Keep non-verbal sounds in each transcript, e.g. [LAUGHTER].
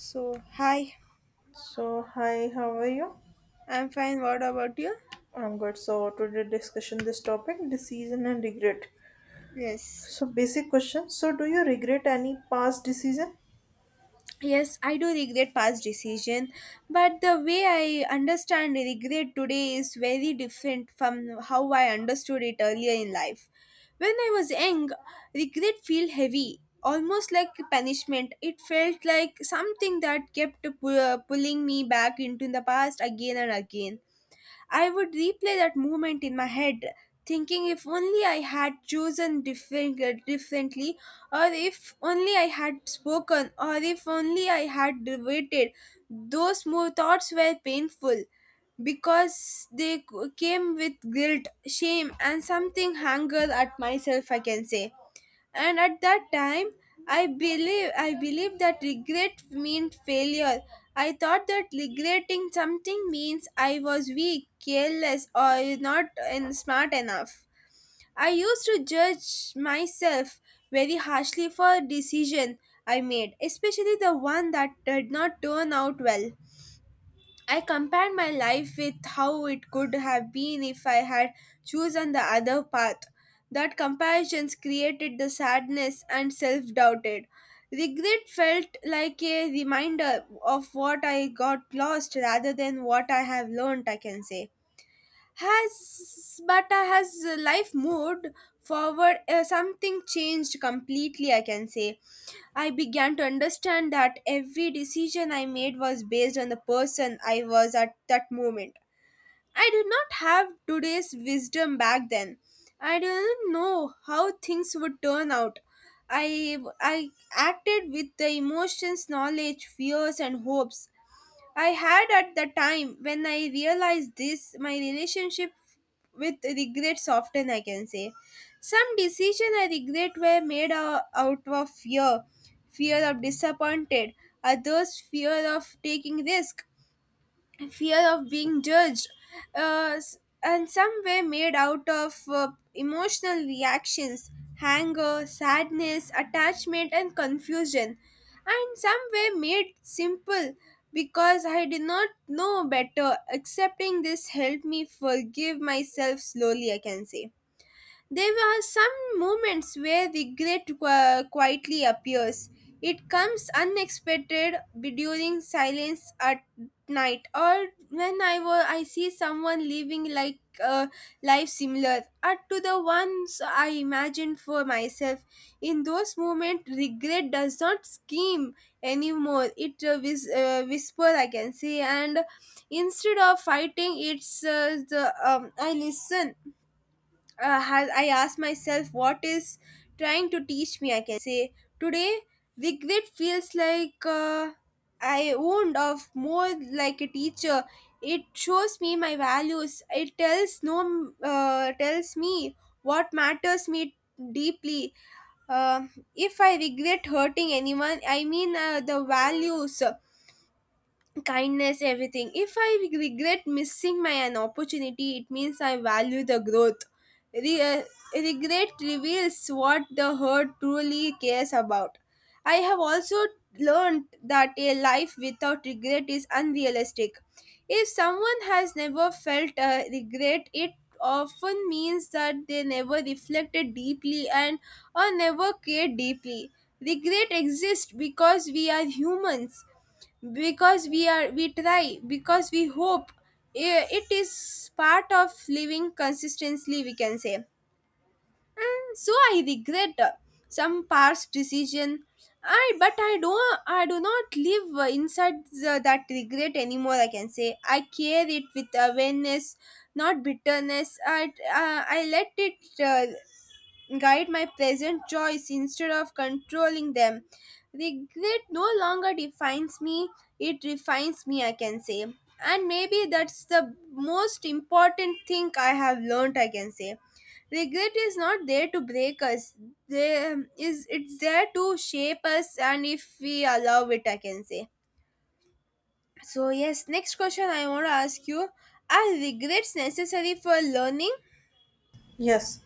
So, hi, So, hi, how are you? I'm fine. What about you? I'm good. So, today discussion this topic decision and regret. Yes. So, basic question. So, do you regret any past decision? Yes, I do regret past decision, but the way I understand regret today is very different from how I understood it earlier in life. When I was young, regret felt heavy, almost like punishment. It felt like something that kept pulling me back into the past again and again. I would replay that moment in my head, thinking if only I had chosen differently, or if only I had spoken, or if only I had waited. Those more thoughts were painful because they came with guilt, shame, and something anger at myself, I can say, and at that time I believe that regret meant failure. I thought that regretting something means I was weak, careless, or not and smart enough. I used to judge myself very harshly for decision I made, especially the one that did not turn out well. I compared my life with how it could have been if I had chosen the other path. That comparisons created the sadness and self doubted. Regret felt like a reminder of what I got lost rather than what I have learned, I can say. Has but has life moved forward? Something changed completely, I can say. I began to understand that every decision I made was based on the person I was at that moment. I did not have today's wisdom back then. I didn't know how things would turn out. I acted with the emotions, knowledge, fears and hopes I had at the time. When I realized this, my relationship with regret softened, I can say. Some decisions I regret were made out of fear, fear of disappointed, others fear of taking risk, fear of being judged, and some were made out of emotional reactions, anger, sadness, attachment, and confusion. And some were made simple because I did not know better. Accepting this helped me forgive myself slowly, I can say. There are some moments where regret quietly appears. It comes unexpected during silence at night, or when I see someone living like a life similar to the ones I imagined for myself. In those moments, regret does not scream anymore. It whisper, I can say, and instead of fighting, it's the I listen. Has I asked myself what is trying to teach me, I can say. Today, regret feels like, I owned of more like a teacher. It shows me my values. It tells no tells me what matters me deeply. Uh, if I regret hurting anyone, I mean the values, kindness, everything. If I regret missing my an opportunity, it means I value the growth. Re- uh, Regret reveals what the hurt truly cares about. I have also learned that a life without regret is unrealistic. If someone has never felt regret, it often means that they never reflected deeply and or never cared deeply. Regret exists because we are humans, because we try, because we hope. It is part of living consistently, we can say. So I regret some past decision. I but i don't i do not live inside that regret anymore, I can say. I care it with awareness, not bitterness. I let it guide my present choice instead of controlling them. Regret no longer defines me, it refines me, I can say. And maybe that's the most important thing I have learned, I can say. Regret is not there to break us. There is it's there to shape us, and if we allow it, I can say. So yes, next question I want to ask you. Are regrets necessary for learning? Yes.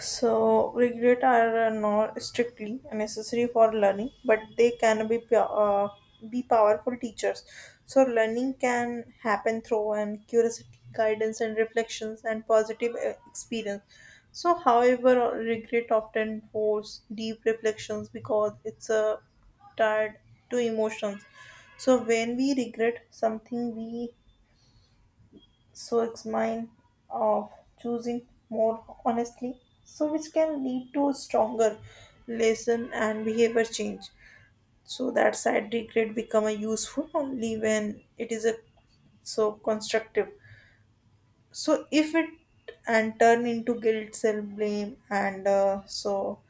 So, regret are not strictly necessary for learning, but they can be be powerful teachers. So, learning can happen through and curiosity, guidance, and reflections, and positive experience. So, however, regret often force deep reflections because it's a tied to emotions. So, when we regret something, we so it's mine of choosing more honestly, so which can lead to stronger lesson and behavior change. So that side regret become a useful only when it is a so constructive. So if it and turn into guilt, self blame, and so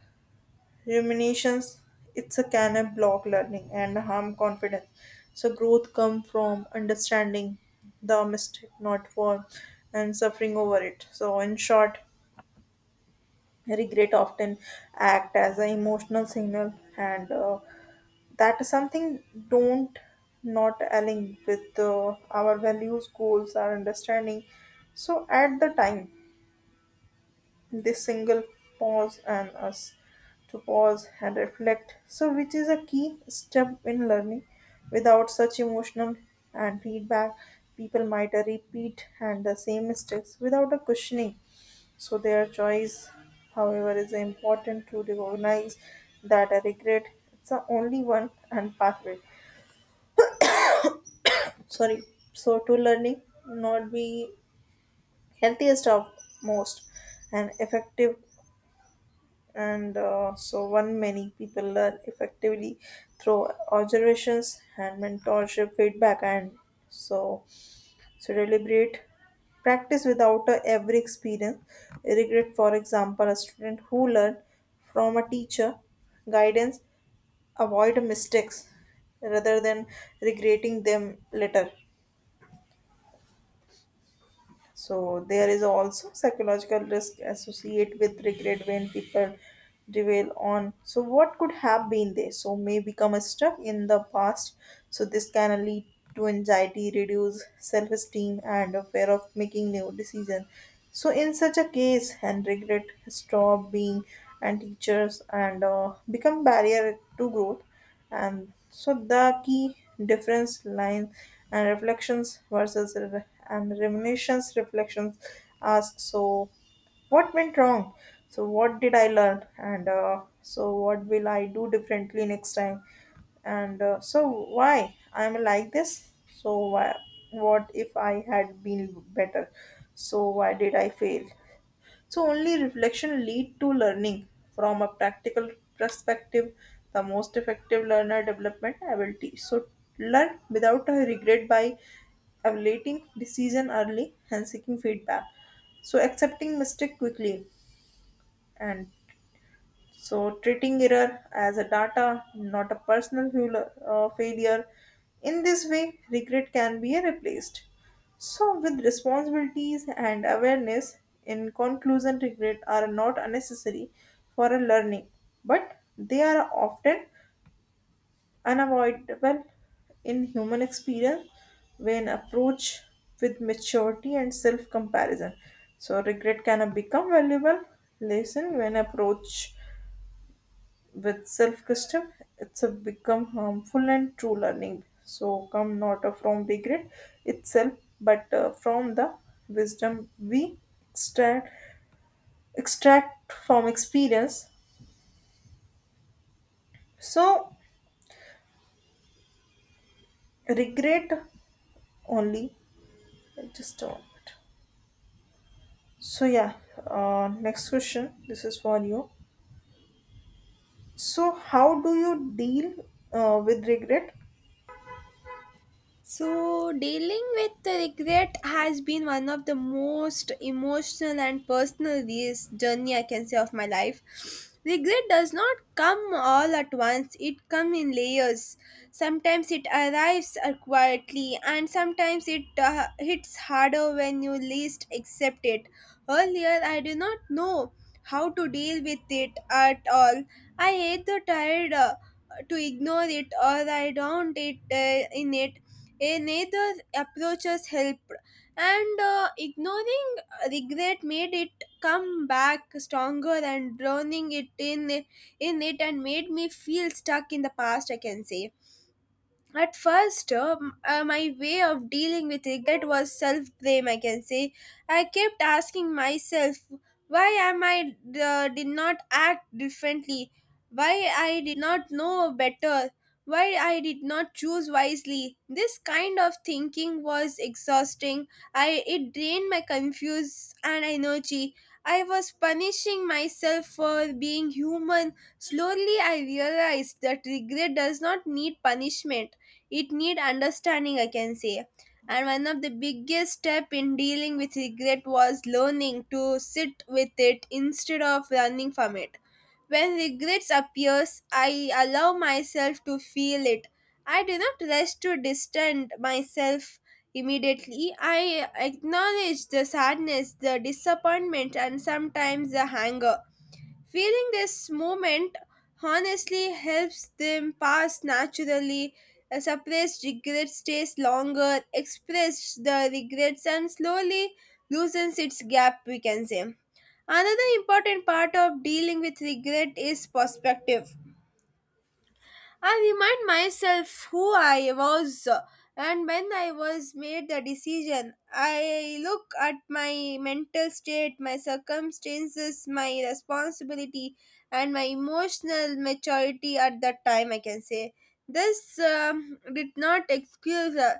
Ruminations, it's a can a block learning and harm confidence. So growth come from understanding the mistake, not war, and suffering over it. So in short, regret often act as an emotional signal, and that is something don't not align with our values, goals, our understanding. So at the time this single pause and us to pause and reflect, so which is a key step in learning. Without such emotional and feedback, people might repeat and the same mistakes without a questioning. So their choice, however, is important to recognize that a regret it's the only one and pathway. Sorry, so to learning not be healthiest of most and effective and so one many people learn effectively through observations and mentorship feedback and so so deliberate practice without every experience regret for example a student who learned from a teacher guidance avoid mistakes rather than regretting them later. So there is also psychological risk associated with regret when people dwell on so what could have been there. So may become stuck in the past. So this can lead to anxiety, reduce self-esteem, and a fear of making new decisions. So in such a case, and regret stop being and teachers and become barrier to growth and so the key difference line and reflections versus and reminiscence reflections ask so what went wrong, so what did I learn, and so what will I do differently next time, and so why I'm like this, so why, what if I had been better, so why did I fail, so only reflection lead to learning. From a practical perspective, the most effective learner development ability. So learn without a regret by evaluating decision early and seeking feedback. So accepting mistake quickly and so treating error as a data, not a personal failure. In this way, regret can be replaced. So with responsibilities and awareness, in conclusion, regret are not unnecessary for a learning, but they are often unavoidable in human experience when approached with maturity and self-comparison. So regret can become valuable lesson when approached with self custom it's a become harmful and true learning so come not from regret itself but from the wisdom we extract extract from experience so regret only just a moment so yeah, next question this is for you. So how do you deal with regret? So, dealing with the regret has been one of the most emotional and personal journey, I can say, of my life. Regret does not come all at once, it comes in layers. Sometimes it arrives quietly, and sometimes it hits harder when you least accept it. Earlier, I did not know how to deal with it at all. I either tried to ignore it, or I drowned it in it. A neither approaches help, and ignoring regret made it come back stronger, and drowning it in it and made me feel stuck in the past, I can say. At first, my way of dealing with regret was self blame, I can say. I kept asking myself, why am I did not act differently, why I did not know better, why I did not choose wisely. This kind of thinking was exhausting. I it drained my confused and energy. I was punishing myself for being human. Slowly, I realized that regret does not need punishment, it needs understanding, I can say. And one of the biggest steps in dealing with regret was learning to sit with it instead of running from it. When regrets appears, I allow myself to feel it. I do not rush to distance myself. Immediately, I acknowledged the sadness, the disappointment, and sometimes the anger. Feeling this moment honestly helps them pass naturally. A suppressed regret stays longer, express the regrets, and slowly loosens its gap, we can say. Another important part of dealing with regret is perspective. I remind myself who I was and when I was made the decision. I look at my mental state, my circumstances, my responsibility, and my emotional maturity at that time, I can say. This did not excuse uh,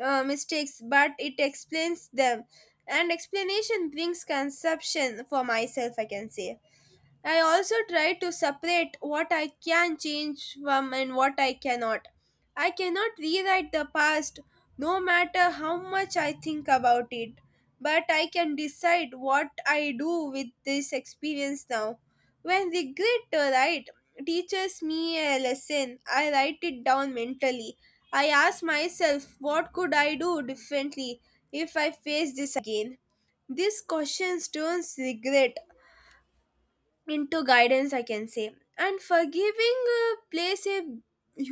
uh, mistakes, but it explains them. And explanation brings conception for myself, I can say. I also try to separate what I can change from and what I cannot. I cannot rewrite the past no matter how much I think about it, but I can decide what I do with this experience now. When regret to write teaches me a lesson, I write it down mentally. I ask myself, what could I do differently if I face this again? These questions turns regret into guidance, I can say. And forgiving plays a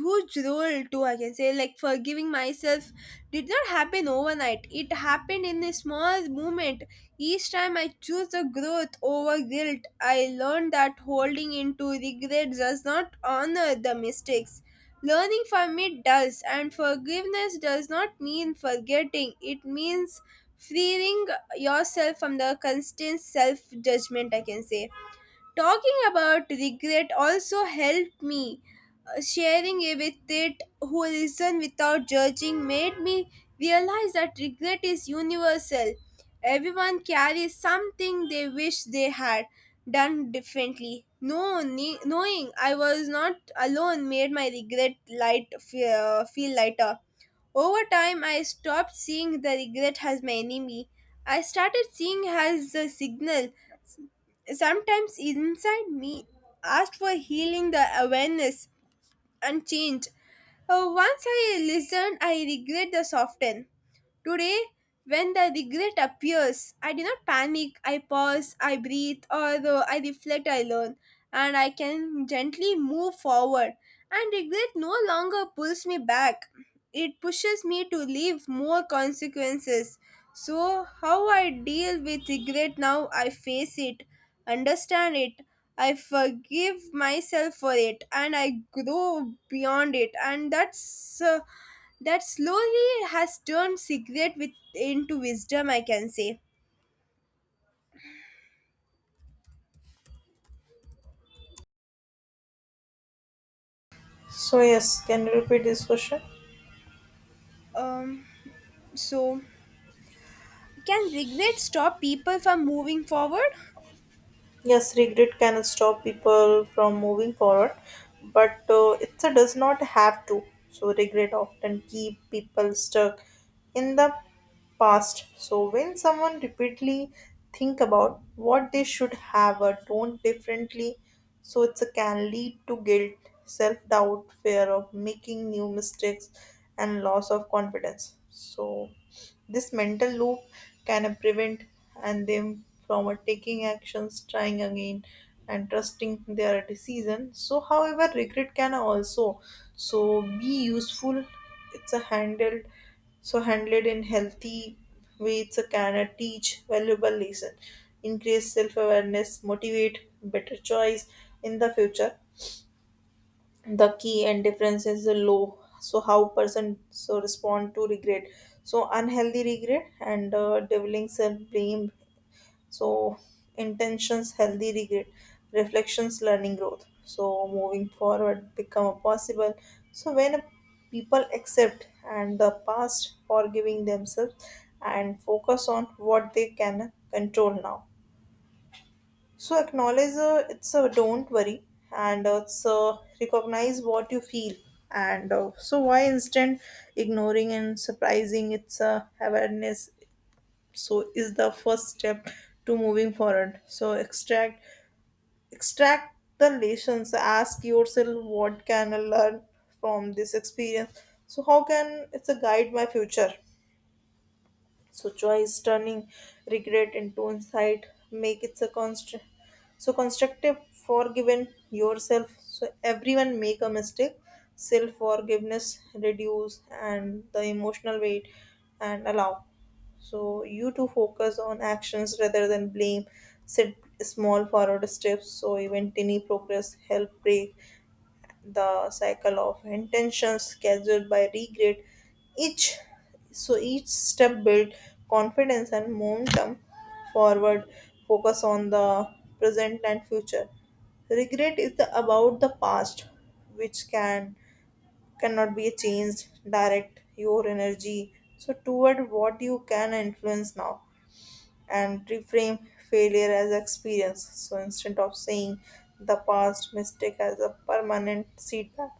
huge role too, I can say. Like, forgiving myself did not happen overnight, it happened in a small moment. Each time I choose the growth over guilt, I learned that holding into regret does not honor the mistakes, learning from it does. And forgiveness does not mean forgetting, it means freeing yourself from the constant self judgment, I can say. Talking about regret also helped me. Sharing it with it who listened without judging made me realize that regret is universal. Everyone carries something they wish they had done differently. No, ne- Knowing I was not alone made my regret feel lighter. Over time, I stopped seeing the regret as my enemy. I started seeing as a signal, sometimes inside me asked for healing, the awareness and change. Once I listened, I regret the soften. Today, when the regret appears, I do not panic. I pause, I breathe, or I reflect, I learn, and I can gently move forward. And regret no longer pulls me back. It pushes me to live more consequences. So, how I deal with regret now, I face it, understand it. I forgive myself for it, and I grow beyond it. And that slowly has turned regret with, into wisdom, I can say. So yes, can you repeat this question? Um, so, can regret stop people from moving forward? Yes, regret can stop people from moving forward, but it does not have to. So regret often keep people stuck in the past. So when someone repeatedly think about what they should have or don't differently, so it can lead to guilt, self-doubt, fear of making new mistakes, and loss of confidence. So this mental loop can prevent and them from taking actions, trying again, and trusting their decision. So, however, regret can also so be useful. It's a handled so handled in healthy way it's a can teach valuable lesson, increase self-awareness, motivate better choice in the future. The key and difference is the low so how person so respond to regret. So unhealthy regret and deviling self blame so intentions, healthy regret reflections learning growth so moving forward become a possible. So when people accept and the past forgiving themselves and focus on what they can control now, so acknowledge it's a don't worry, and it's recognize what you feel, and so why instant ignoring and surprising it's awareness, so is the first step to moving forward. So extract the lessons, ask yourself what can I learn from this experience, so how can it's a guide my future so choice, turning regret into insight, make it so constant, so constructive, forgiven yourself. So everyone make a mistake. Self forgiveness reduce and the emotional weight and allow. So you to focus on actions rather than blame. Set small forward steps so even tiny progress help break the cycle of intentions scheduled by regret. Each so each step build confidence and momentum forward. Focus on the present and future. Regret is the, about the past which can cannot be changed. Direct your energy so toward what you can influence now and reframe failure as experience. So instead of saying the past mistake as a permanent setback,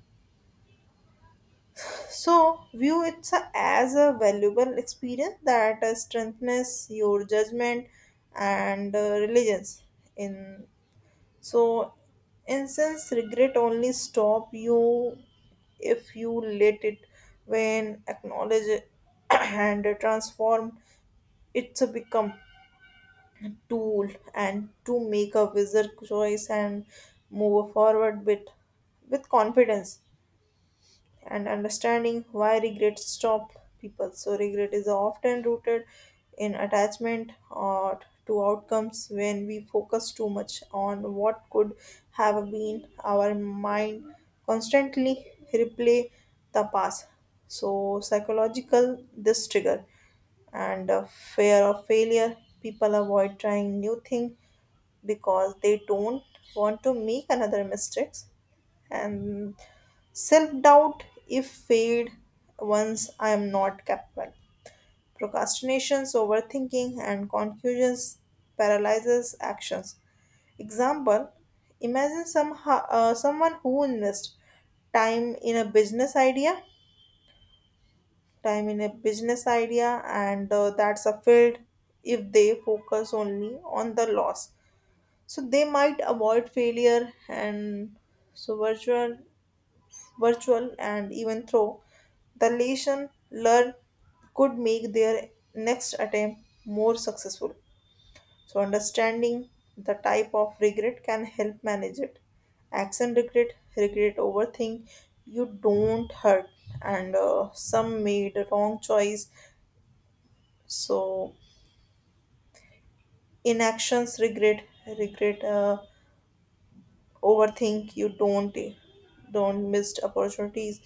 so view it as a valuable experience that strengthens your judgment and religions. In so, in sense, regret only stop you if you let it, when acknowledge [COUGHS] it [CLEARS THROAT] and transform, it's a become tool and to make a wiser choice and move forward with confidence and understanding why regret stop people. So regret is often rooted in attachment or to outcomes. When we focus too much on what could have been, our mind constantly replay the past. So psychological this trigger and fear of failure, people avoid trying new thing because they don't want to make another mistakes and self doubt, if fade once I am not capable. Procrastinations, overthinking, and confusions paralyzes actions. Example: imagine someone who invests time in a business idea, time in a business idea, and that's a field. If they focus only on the loss, so they might avoid failure and so virtual, and even through the lesson learned could make their next attempt more successful. So, understanding the type of regret can help manage it. Action regret, regret over thing you don't hurt, and some made a wrong choice. So, inactions regret, regret. Overthink you don't missed opportunities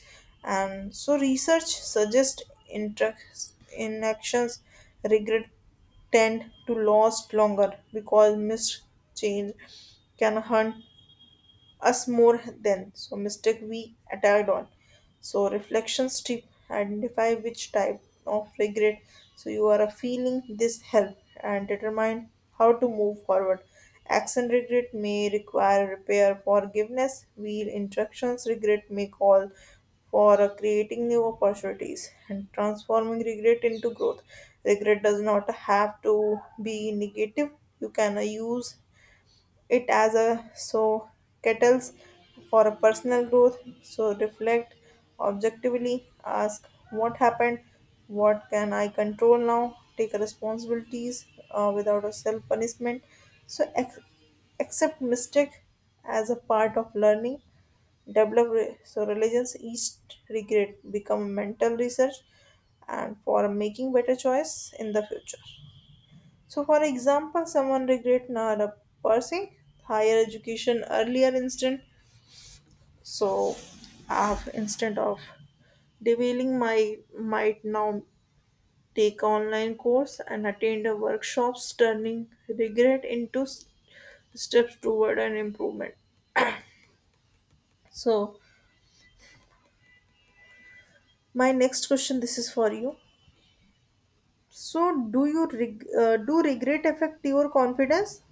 and so research suggests interacts inactions regret tend to last longer because missed change can hunt us more than so mistake we attacked on. So reflections tip, identify which type of regret so you are feeling, this help and determine how to move forward. Action regret may require repair forgiveness while instructions regret may call for creating new opportunities and transforming regret into growth. Regret does not have to be negative. You can use it as a so kettles for a personal growth. So reflect objectively, ask what happened, what can I control now, take responsibilities without a self punishment, so accept mistake as a part of learning, develop so religions. Each regret become mental research and for making better choice in the future. So, for example, someone regret not pursuing higher education earlier instead. So, instead of derailing my might now take online course and attend a workshops, turning regret into steps toward an improvement. So, my next question, this is for you. So, do you do regret affect your confidence?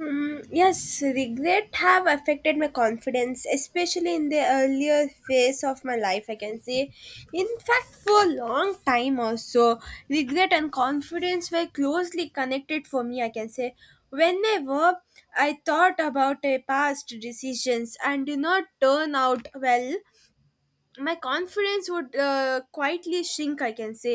Mm, yes, regret have affected my confidence, especially in the earlier phase of my life, I can say. In fact, for a long time also, regret and confidence were closely connected for me, I can say. Whenever I thought about a past decisions and did not turn out well, my confidence would quietly shrink, I can say.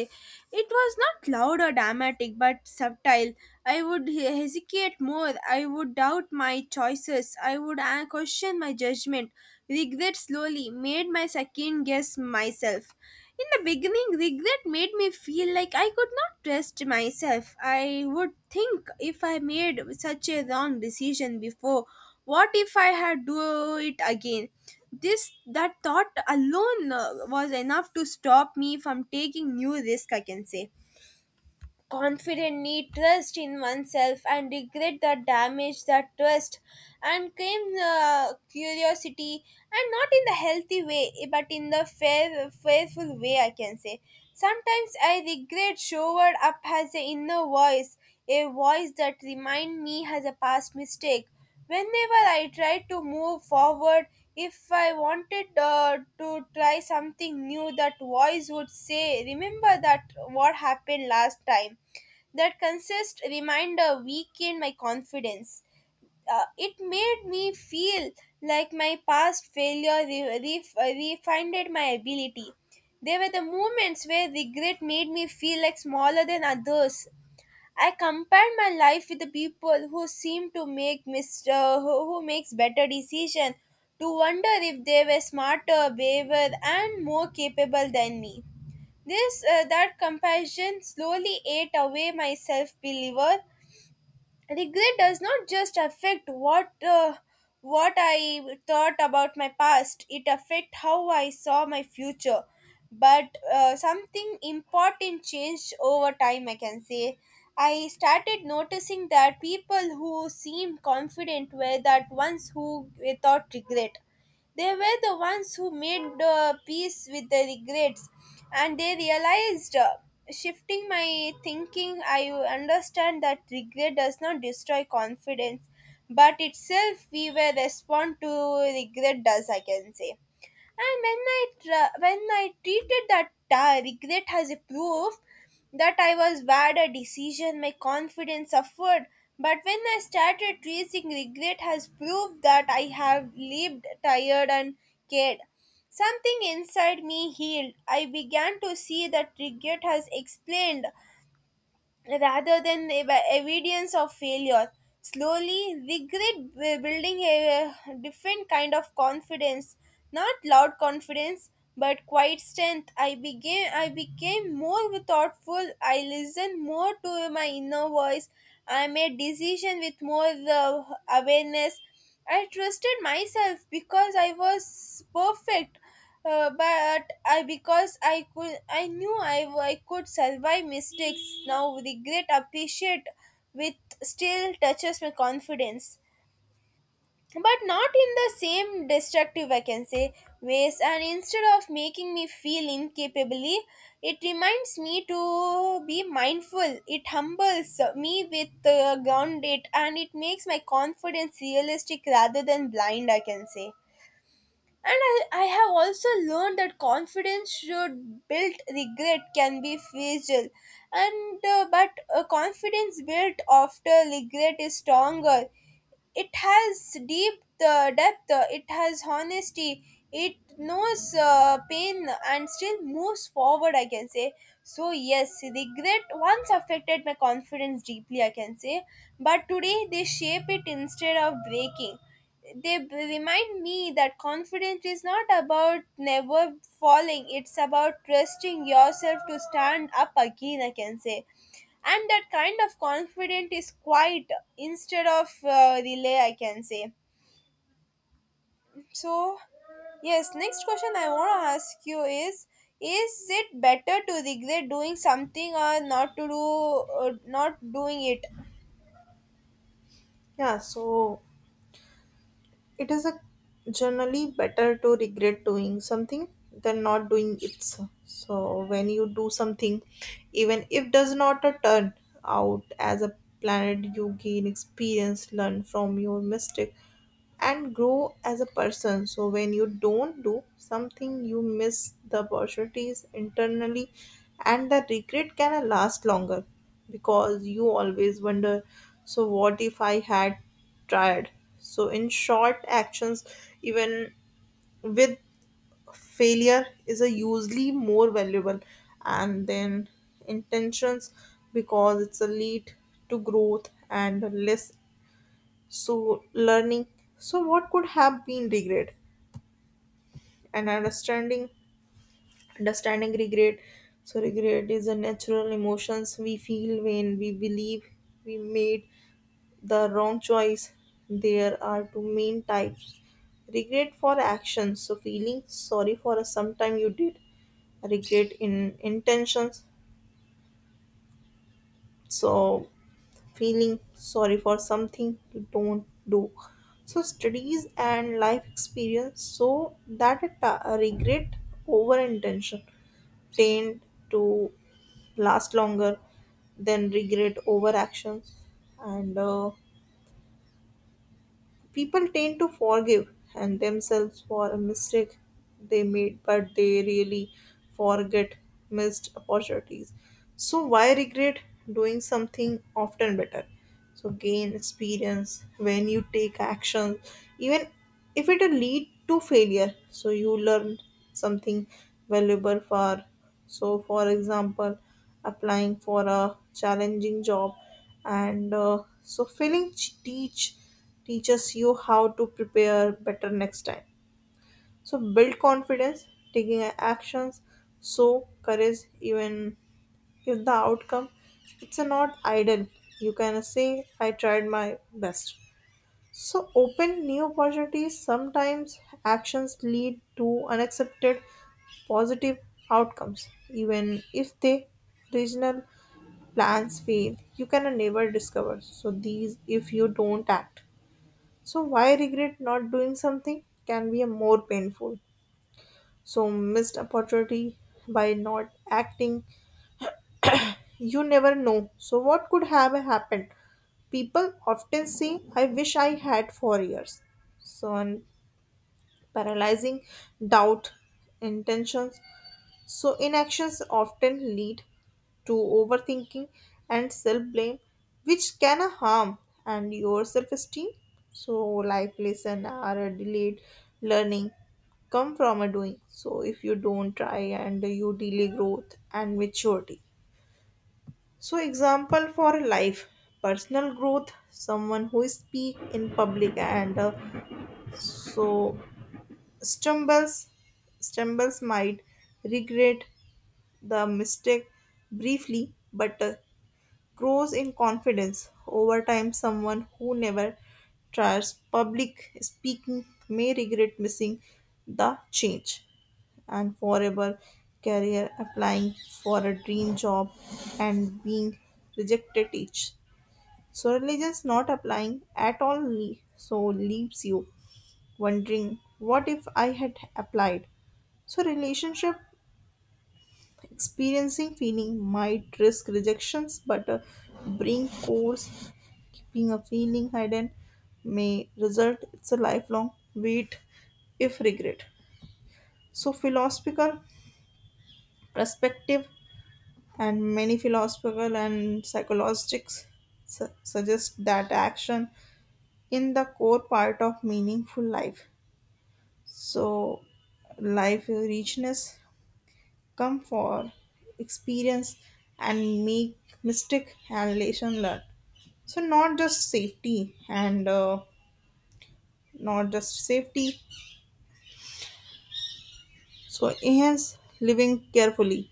It was not loud or dramatic but subtle. I would hesitate more, I would doubt my choices, I would question my judgment. Regret slowly made my second guess myself. In the beginning, regret made me feel like I could not trust myself. I would think, if I made such a wrong decision before, what if I had do it again? This that thought alone was enough to stop me from taking new risk, I can say. Confidently trust in oneself, and regret the damage that trust and came curiosity, and not in the healthy way but in the fair fearful way, I can say. Sometimes I regret showed up as an inner voice, a voice that remind me has a past mistake. Whenever I tried to move forward, if I wanted to try something new, that voice would say, remember that what happened last time. That consist reminder weakened my confidence. It made me feel like my past failure refined my ability. There were the moments where regret made me feel like smaller than others. I compare my life with the people who seem to make who makes better decision, to wonder if they were smarter, braver, and more capable than me. This that comparison slowly ate away my self believer. Regret does not just affect what I thought about my past, it affect how I saw my future. But something important changed over time, I can say. I started noticing that people who seemed confident were that ones who without regret. They were the ones who made peace with the regrets, and they realized. Shifting my thinking, I understand that regret does not destroy confidence, but itself we will respond to regret does, I can say. And when when I treated that regret as a proof that I was bad at decision, my confidence suffered. But when I started treating regret as proof that I have lived tired and cared, something inside me healed. I began to see that regret has explained rather than evidence of failure. Slowly, regret building a different kind of confidence, not loud confidence, but quiet strength. I became more thoughtful. I listened more to my inner voice. I made decision with more awareness. I trusted myself because I was perfect. But I because I could, I knew I could survive mistakes. Now regret appreciate with still touches my confidence, but not in the same destructive, I can say, ways. And instead of making me feel incapably, it reminds me to be mindful, it humbles me with grounded, and it makes my confidence realistic rather than blind, I can say. And I have also learned that confidence should built regret can be fragile, and but confidence built after regret is stronger. It has deep depth. It has honesty. It knows pain and still moves forward, I can say. So, yes, regret once affected my confidence deeply, I can say, but today they shape it instead of breaking. They remind me that confidence is not about never falling, it's about trusting yourself to stand up again, I can say. And that kind of confidence is quiet instead of relay, I can say. So yes, next question I want to ask you is it better to regret doing something or not to do not doing it? Yeah. So, it is a generally better to regret doing something than not doing it. So when you do something, even if does not a turn out as a planet, you gain experience, learn from your mistake, and grow as a person. So when you don't do something, you miss the opportunities internally, and the regret can last longer because you always wonder. So what if I had tried? So, in short, actions, even with failure, is a usually more valuable, and then intentions because it's a lead to growth and less so learning. So, what could have been regret and understanding? Understanding regret. So, regret is a natural emotions we feel when we believe we made the wrong choice. There are two main types: regret for actions, so feeling sorry for a sometime you did, regret in intentions, so feeling sorry for something you don't do. So, studies and life experience so that a a regret over intention tend to last longer than regret over actions, and people tend to forgive and themselves for a mistake they made, but they really forget missed opportunities. So why regret doing something often better? So gain experience when you take action, even if it will lead to failure. So you learn something valuable for. So for example, applying for a challenging job and so failing teaches you how to prepare better next time. So build confidence, taking actions, so courage even if the outcome it's a not ideal, you can say I tried my best. So open new opportunities. Sometimes actions lead to unaccepted positive outcomes, even if they original plans fail. You can never discover. So these if you don't act. So, why regret not doing something can be a more painful. So, missed opportunity by not acting, you never know. So, what could have happened? People often say, I wish I had 4 years. So, and paralyzing doubt, intentions, so, inactions often lead to overthinking and self blame, which can harm and your self esteem. So, life lesson are a delayed learning come from a doing. So, if you don't try and you delay growth and maturity. So, example for life personal growth, someone who speak in public and so stumbles stumbles might regret the mistake briefly but grows in confidence over time. Someone who never tries public speaking may regret missing the change and forever career, applying for a dream job and being rejected each so religions, not applying at all so leaves you wondering what if I had applied. So relationship, experiencing feeling might risk rejections, but a brain course keeping a feeling hidden may result it's a lifelong wait if regret. So philosophical perspective, and many philosophical and psychologists suggest that action in the core part of meaningful life. So life richness come for experience and make mistake and lesson learned, so not just safety and not just safety so enhance living carefully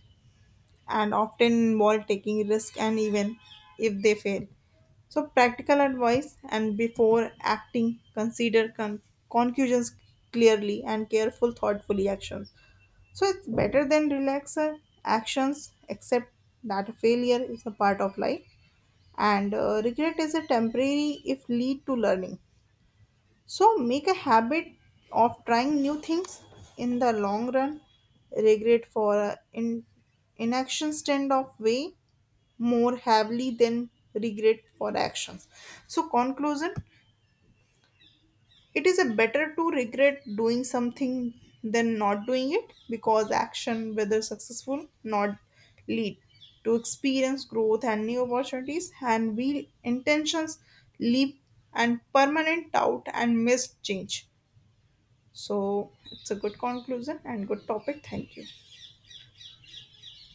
and often involve taking risk and even if they fail. So practical advice, and before acting consider conclusions clearly and careful thoughtfully action. So it's better than relaxer actions, except that failure is a part of life and regret is a temporary if lead to learning. So make a habit of trying new things. In the long run, regret for in inaction stand of way more heavily than regret for actions. So conclusion, it is a better to regret doing something than not doing it because action, whether successful, not lead to experience growth and new opportunities, and will intentions leap and permanent doubt and missed change. So it's a good conclusion and good topic. Thank you.